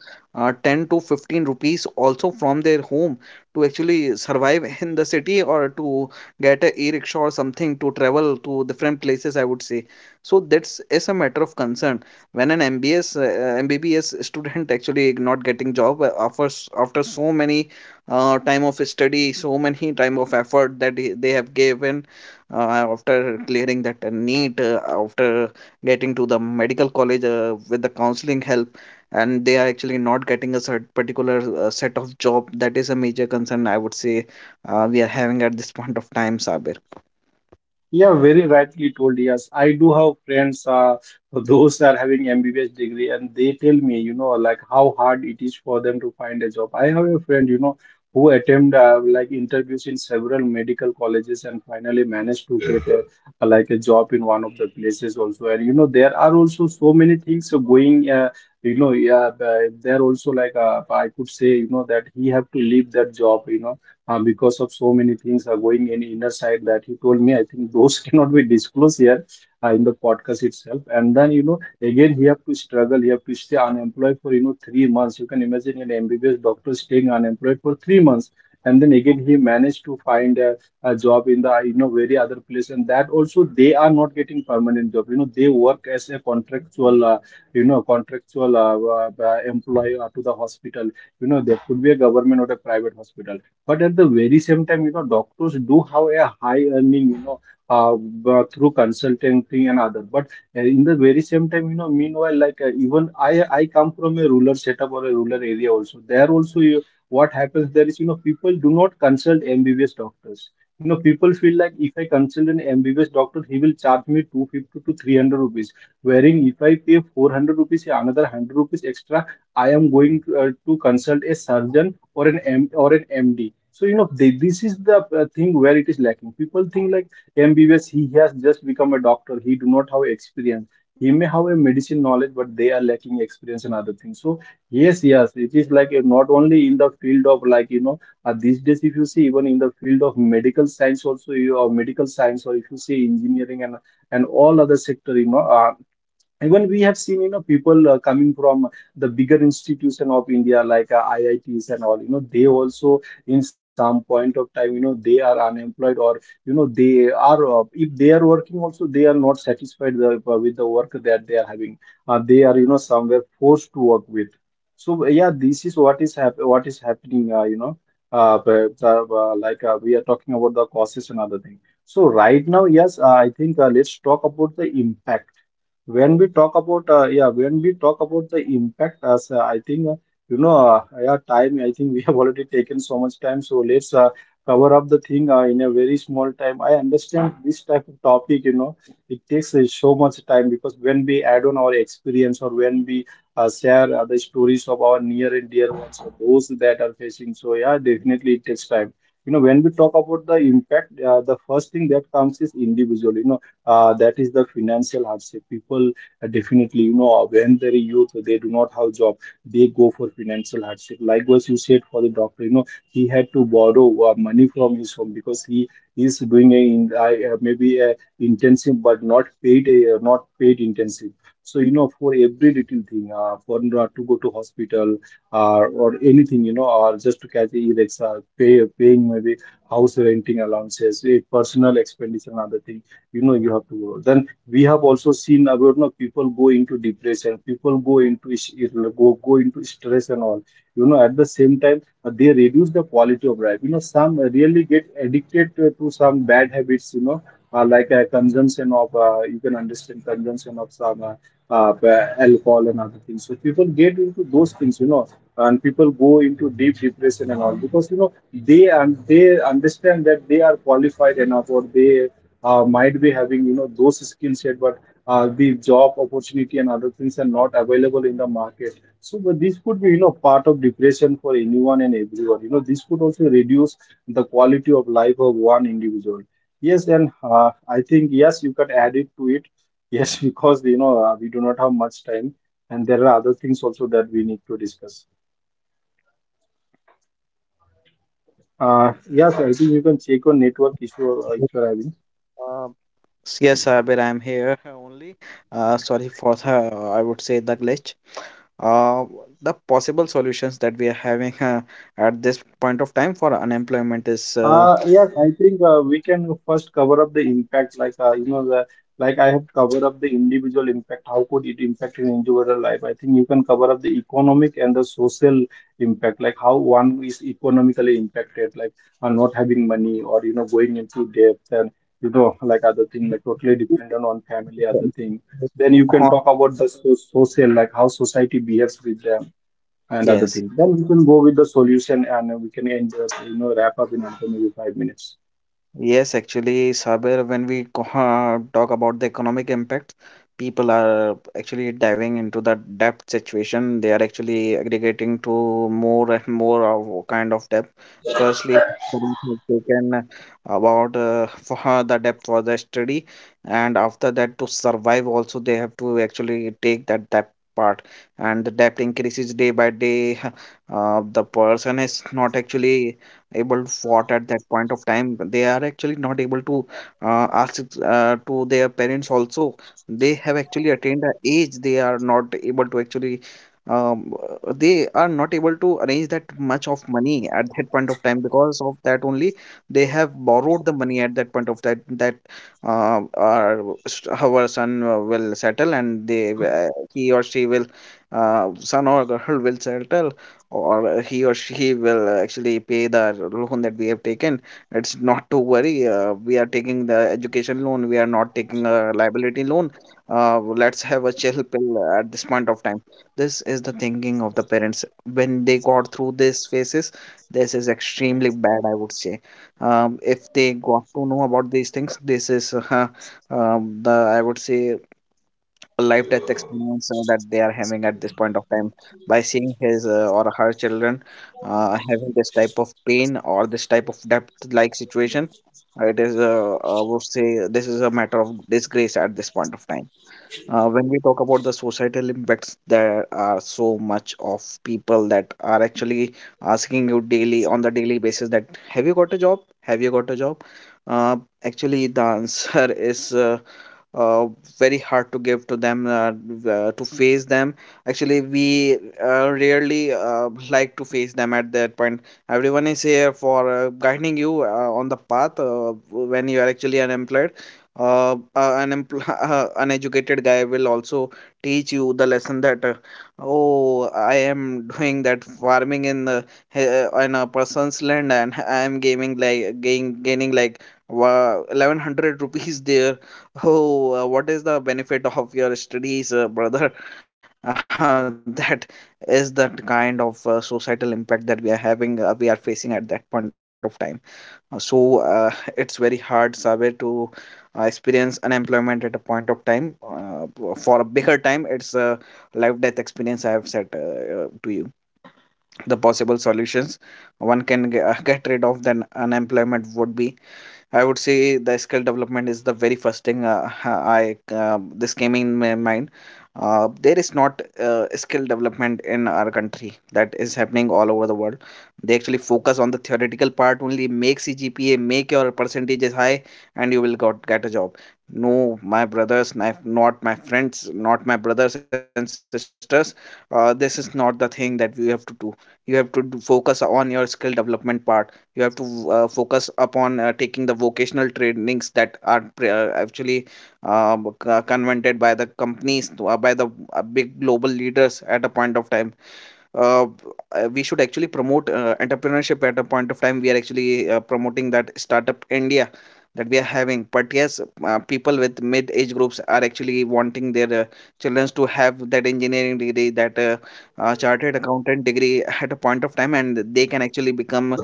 B: uh, ten to fifteen rupees also from their home to actually survive in the city, or to get a e-rickshaw or something to travel to different places, I would say. So that's is a matter of concern when an mbs uh, M B B S student actually not getting job uh, offers after so many uh, time of study, so many time of effort that he- they have given, uh, after clearing that uh, need, uh, after getting to the medical college uh, with the counseling help, and they are actually not getting a cert- particular uh, set of job. That is a major concern, I would say, uh, we are having at this point of time, Sabir.
A: yeah, very rightly told. Yes, I do have friends uh, those are having M B B S degree, and they tell me, you know, like, how hard it is for them to find a job. I have a friend, you know, who attend uh, like interviews in several medical colleges, and finally managed to get a, a- like a job in one of the places also. And, you know, there are also so many things going. Uh, you know, yeah, uh, there also, like, uh, I could say, you know, that he have to leave that job, you know uh, because of so many things are going in inner side, that he told me. I think those cannot be disclosed here uh, in the podcast itself. And then, you know again he have to struggle, he have to stay unemployed for, you know three months. You can imagine an MBBS doctor staying unemployed for three months. And then again he managed to find a, a job in the, you know very other place, and that also, they are not getting permanent job. you know they work as a contractual, uh, you know contractual uh, uh, uh, employee uh, to the hospital. you know there could be a government or a private hospital. But at the very same time, you know, doctors do have a high earning, you know, uh, b- through consultancy and other. But uh, in the very same time, you know, meanwhile, like, uh, even I, I come from a rural setup or a rural area also. There also, you, what happens there is, you know, people do not consult M B B S doctors. You know, people feel like, if I consult an M B B S doctor, he will charge me two hundred fifty to three hundred rupees. Wherein if I pay four hundred rupees, another one hundred rupees extra, I am going to, uh, to consult a surgeon, or an M or an M D. So, you know they, this is the uh, thing where it is lacking. People think like, M B B S, he has just become a doctor. He do not have experience. He may have a medicine knowledge, but they are lacking experience and other things. So yes, yes, it is like, uh, not only in the field of, like, you know uh, these days, if you see, even in the field of medical science also, you or medical science, or if you see engineering, and and all other sector, you know. Uh, even we have seen, you know, people uh, coming from the bigger institution of india like uh, iits and all, you know, they also in some point of time, you know, they are unemployed, or you know they are uh, if they are working also, they are not satisfied the, uh, with the work that they are having. Uh, they are you know somewhere forced to work with. So yeah, this is what is hap- what is happening, uh, you know uh, the, the, uh, like uh, we are talking about the causes and other thing. So right now, yes, uh, I think uh, let's talk about the impact. When we talk about uh, yeah, when we talk about the impact, as uh, I think, uh, you know uh, yeah, time, I think we have already taken so much time, so let's uh, cover up the thing uh, in a very small time. I understand this type of topic, you know, it takes uh, so much time, because when we add on our experience, or when we uh, share uh, the stories of our near and dear ones or those that are facing. So yeah, definitely it takes time. You know, when we talk about the impact, uh, the first thing that comes is individual, you know, uh, that is the financial hardship. People, uh, definitely, you know, when they're youth, they do not have job, they go for financial hardship. Likewise, you said for the doctor, you know, he had to borrow uh, money from his home, because he is doing a in, I- uh, maybe a intensive, but not paid, uh, not paid intensive. So, you know, for every little thing, uh, for not to go to hospital, uh, or anything, you know, or just to catch e, pay, paying maybe house renting allowances, a personal expenditure and other things, you know, you have to go. Then we have also seen about, you know, people go into depression, people go into is- you know, go, go into stress and all. You know, at the same time, uh, they reduce the quality of life, you know. Some really get addicted to, to some bad habits, you know, uh, like uh, consumption of, uh, you can understand, consumption of some uh, uh, alcohol and other things. So people get into those things, you know, and people go into deep depression and all, because you know they, and they understand that they are qualified enough, or they uh, might be having, you know, those skill set, but uh, the job opportunity and other things are not available in the market. So, but this could be, you know, part of depression for anyone and everyone. You know, this could also reduce the quality of life of one individual. Yes, and uh, I think yes, you can add it to it. Yes, because you know uh, we do not have much time, and there are other things also that we need to discuss. Uh, yes, I think you can check on network issue uh, if you're having.
B: uh, yes, Sabir, I am here only. Uh, sorry for the, I would say, the glitch. uh, the possible solutions that we are having uh, at this point of time for unemployment is uh,
A: Uh, yes, I think uh, we can first cover up the impact, like uh, you know, the, like I have covered up the individual impact. How could it impact an individual life? I think you can cover up the economic and the social impact, like how one is economically impacted, like uh, not having money, or you know, going into debt, and you know, like other thing, like totally dependent on family, other thing. Then you can talk about the so social, like how society behaves with them and other
B: yes.
A: things. Then we can go with the solution, and uh, we can end, uh, you know, wrap up in another maybe five minutes.
B: Yes, actually, Saber, when we co- uh, talk about the economic impact, people are actually diving into the debt situation. They are actually aggregating to more and more of kind of debt. Firstly, funds have taken about, uh, for her, the debt for the study, and after that, to survive, also they have to actually take that debt part, and the debt increases day by day. Uh, the person is not actually able to fought at that point of time. They are actually not able to uh, ask it, uh, to their parents also. They have actually attained a age. They are not able to actually um, uh, they are not able to arrange that much of money at that point of time. Because of that only, they have borrowed the money at that point of that that uh, our, s- our son uh, will settle, and they w- uh, he or she will uh, son or girl will settle, or he or she will actually pay the loan that we have taken. It's not to worry. Uh, we are taking the education loan. We are not taking a liability loan. Uh, let's have a chill pill at this point of time. This is the thinking of the parents when they got through these phases. This is extremely bad, I would say. Um, if they got to know about these things, this is, uh, um, the, I would say, life death experience uh, that they are having at this point of time, by seeing his uh, or her children uh, having this type of pain or this type of death like situation. It is, uh, I would say, this is a matter of disgrace at this point of time. Uh, when we talk about the societal impacts, there are so much of people that are actually asking you daily, on the daily basis, that have you got a job, have you got a job. uh, Actually, the answer is uh, uh, very hard to give to them, uh, uh, to face them. Actually, we uh, rarely uh, like to face them at that point. Everyone is here for uh, guiding you uh, on the path uh, when you are actually unemployed. Uh, uh, an empl- uh, uneducated guy will also teach you the lesson that, uh, oh, I am doing that farming in the he- uh, in a person's land, and I am gaining like gain, gaining like wa- eleven hundred rupees there. Oh, uh, what is the benefit of your studies, uh, brother? Uh, that is that kind of uh, societal impact that we are having, uh, we are facing at that point of time. Uh, so uh, it's very hard, Saber, to uh, experience unemployment at a point of time. Uh, for a bigger time, it's a life death experience I have said, uh, uh, to you. The possible solutions one can ge- get rid of then unemployment would be, I would say, the skill development is the very first thing. uh, I, uh, this came in my mind. Uh, there is not uh, skill development in our country that is happening all over the world. They actually focus on the theoretical part only. Make C G P A, make your percentages high, and you will got get a job. No, my brothers, not not my friends, not my brothers and sisters. Uh, this is not the thing that you have to do. You have to do- focus on your skill development part. You have to uh, focus upon uh, taking the vocational trainings that are pre- uh, actually uh, b- c- convented by the companies to- uh, by the uh, big global leaders at a point of time. Uh, uh, we should actually promote uh, entrepreneurship at a point of time. We are actually uh, promoting that Startup India that we are having, but yes, uh, people with mid age groups are actually wanting their uh, children to have that engineering degree, that uh, uh, chartered accountant degree, at a point of time, and they can actually become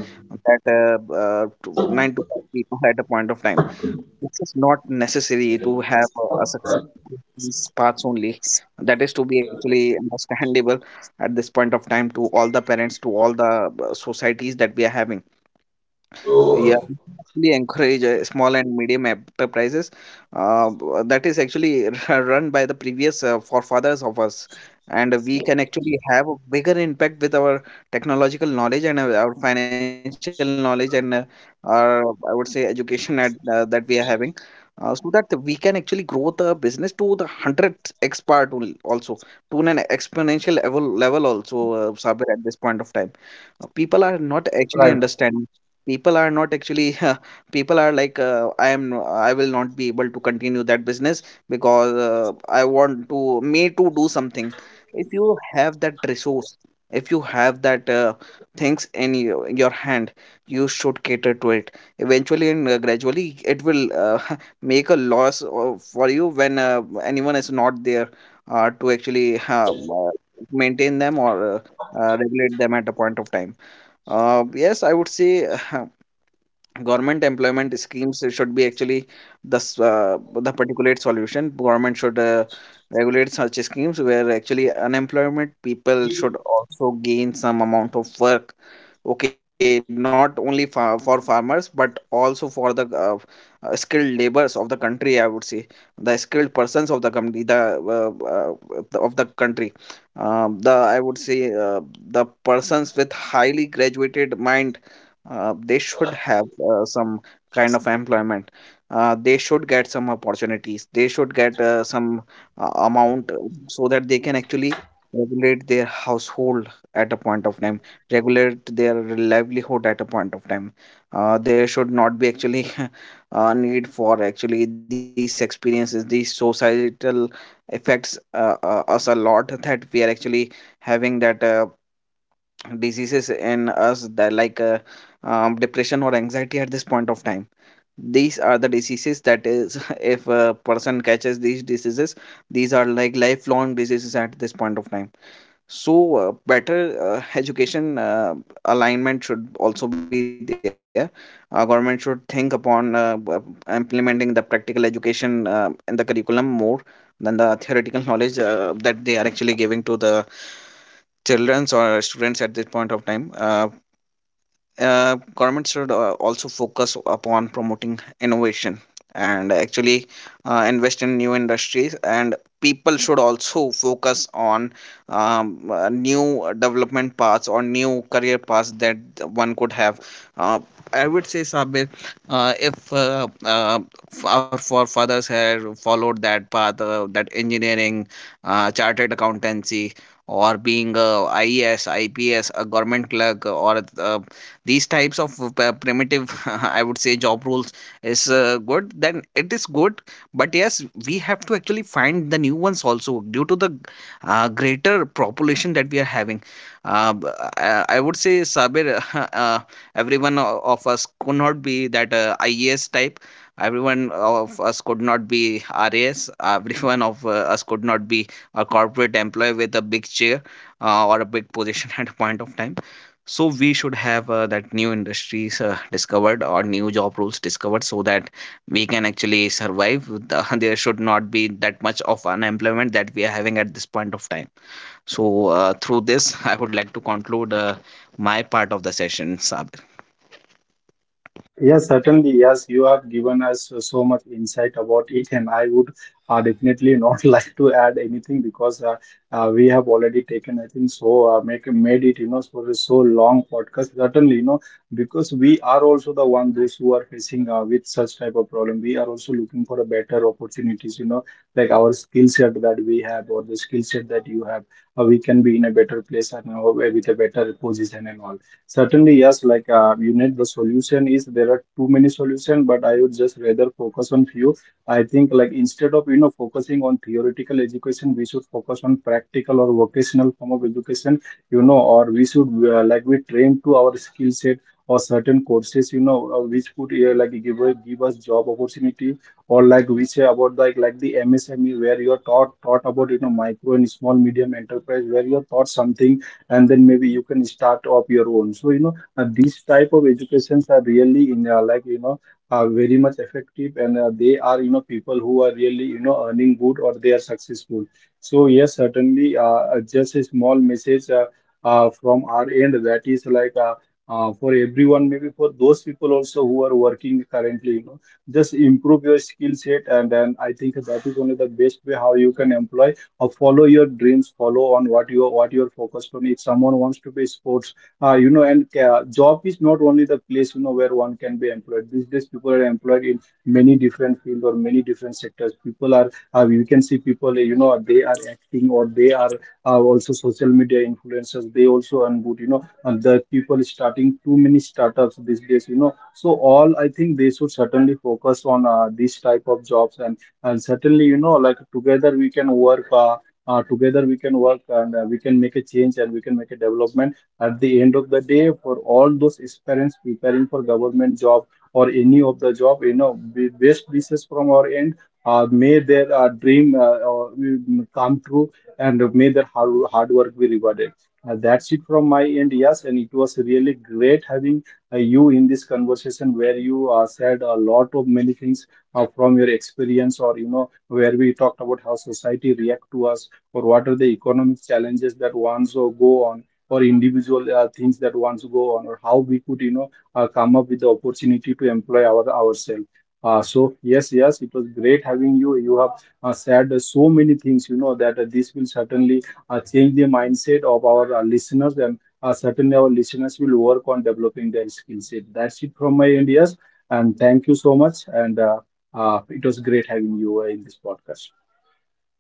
B: that uh, b- uh, to- nine to five people at a point of time. This is not necessary to have a, a success in these paths only. That is to be actually understandable at this point of time to all the parents, to all the uh, societies that we are having. Yeah, we encourage uh, small and medium enterprises uh, b- that is actually run by the previous uh, forefathers of us, and we can actually have a bigger impact with our technological knowledge, and our our financial knowledge, and uh, our, I would say, education at, uh, that we are having, uh, so that we can actually grow the business to the hundred x part only, also to an exponential level level also, uh, Sabir, at this point of time. Uh, people are not actually
A: Right.
B: understanding. People are not actually people are like, uh, I am, I will not be able to continue that business, because uh, I want to me to do something. If you have that resource, if you have that uh, things in your, your hand, you should cater to it eventually, and uh, gradually it will uh, make a loss uh, for you when uh, anyone is not there uh, to actually uh, uh, maintain them or uh, uh, regulate them at a point of time. Uh, yes, I would say, government employment schemes should be actually the s- uh, the particulate solution. Government should uh, regulate such schemes where actually unemployment people should also gain some amount of work. Okay, not only fa for farmers, but also for the uh, uh, skilled laborers of the country, I would say, the skilled persons of the company, the, uh, uh, the of the country, um, the, I would say, uh, the persons with highly graduated mind, uh, they should have uh, some kind of employment. Uh, they should get some opportunities. They should get uh, some uh, amount, uh, so that they can actually regulate their household at a point of time, regulate their livelihood at a point of time. Uh, there should not be actually a need for actually these experiences. These societal effects uh, uh, us a lot, that we are actually having that uh, diseases in us, that like uh, um, depression or anxiety at this point of time. These are the diseases that is, if a person catches these diseases, these are like lifelong diseases at this point of time. So uh, better uh, education uh, alignment should also be there. Uh, government should think upon uh, w- implementing the practical education uh, in the curriculum more than the theoretical knowledge uh, that they are actually giving to the childrens or students at this point of time. Uh, uh, government should uh, also focus upon promoting innovation, and actually uh, invest in new industries, and people should also focus on um, uh, new development paths, or new career paths that one could have. uh, I would say, Sabir, uh, if uh, uh, f- our forefathers had followed that path, uh, that engineering, uh, chartered accountancy, or being a I E S, government clerk, or a these types of uh, p- primitive I would say job roles is uh, good, then it is good. But yes, we have to actually find the new ones also due to the g- uh, greater population that we are having. uh, b- uh, I would say, Sabir, uh, everyone o- of us could not be that uh, I E S type. Everyone of us could not be R A S. Everyone of uh, us could not be a corporate employee with a big chair, uh, or a big position, at a point of time. So we should have uh, that new industries uh, discovered, or new job roles discovered, so that we can actually survive. The, there should not be that much of unemployment that we are having at this point of time. So uh, through this, I would like to conclude uh, my part of the session, Sabir.
A: Yes, certainly. Yes, you have given us so much insight about it, and I would uh, definitely not like to add anything, because uh, uh, we have already taken, I think, so uh, make made it, you know, for a so long podcast. Certainly, you know, because we are also the one those who are facing uh, with such type of problem. We are also looking for a better opportunities, you know, like our skill set that we have, or the skill set that you have, uh, we can be in a better place, and uh, with a better position and all. Certainly, yes, like uh, you need the solution, is there are too many solutions, but I would just rather focus on few. I think like instead of you know focusing on theoretical education, we should focus on practical or vocational form of education, you know, or we should uh, like, we train to our skill set or certain courses, you know, uh, which could uh, like give give us job opportunity, or like we say about like like the M S M E, where you're taught taught about, you know, micro and small medium enterprise, where you're taught something, and then maybe you can start up your own. So you know, uh, these type of educations are really in, uh, like you know, are very much effective, and uh, they are, you know, people who are really, you know, earning good, or they are successful. So yes, certainly, uh, uh, just a small message uh, uh, from our end, that is like uh, uh, for everyone, maybe for those people also who are working currently, you know, just improve your skill set, and then I think that is only the best way how you can employ, or follow your dreams, follow on what you what you're focused on. If someone wants to be sports, uh, you know, and uh, job is not only the place, you know, where one can be employed. These days, people are employed in many different fields or many different sectors. People are, uh, you can see people, you know, they are acting, or they are uh, also social media influencers. They also unboot, you know, and the people starting too many startups these days, you know. So all, I think they should certainly focus on uh, this type of jobs, and and certainly, you know, like together we can work, uh, uh, together we can work, and uh, we can make a change, and we can make a development at the end of the day for all those aspirants preparing for government job or any of the job, you know, be- best wishes from our end. Uh, may their uh, dream uh, uh, come true, and may their hard, hard work be rewarded. Uh, that's it from my end. Yes, and it was really great having uh, you in this conversation, where you uh, said a lot of many things uh, from your experience, or you know, where we talked about how society react to us, or what are the economic challenges that ones uh, go on, or individual uh, things that ones go on, or how we could, you know, uh, come up with the opportunity to employ our ourselves. Uh, so yes, yes, it was great having you. You have uh, said uh, so many things, you know, that uh, this will certainly uh, change the mindset of our uh, listeners, and uh, certainly our listeners will work on developing their skill set. That's it from my end. Yes, and thank you so much, and uh, uh, it was great having you uh, in this podcast.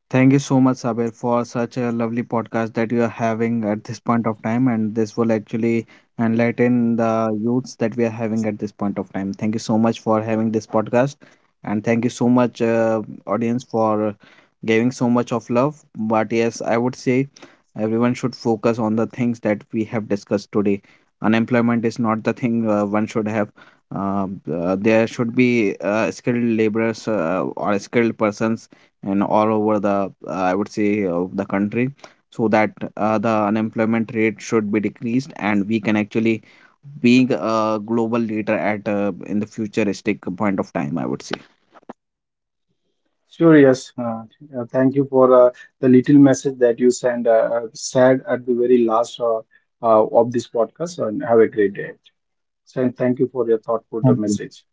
B: Thank you so much, Sabir, for such a lovely podcast that you are having at this point of time. And this will actually enlighten the youths that we are having at this point of time. Thank you so much for having this podcast. And thank you so much, uh, audience, for giving so much of love. But yes, I would say everyone should focus on the things that we have discussed today. Unemployment is not the thing uh, one should have. Uh, uh, there should be uh, skilled laborers uh, or skilled persons, and all over the, uh, I would say, uh, the country, so that uh, the unemployment rate should be decreased, and we can actually being a global leader at uh, in the futuristic point of time, I would say.
A: Sure, yes. Uh, uh, thank you for uh, the little message that you send. uh, uh, said at the very last uh, uh, of this podcast, and have a great day. So, thank you for your thoughtful uh, message.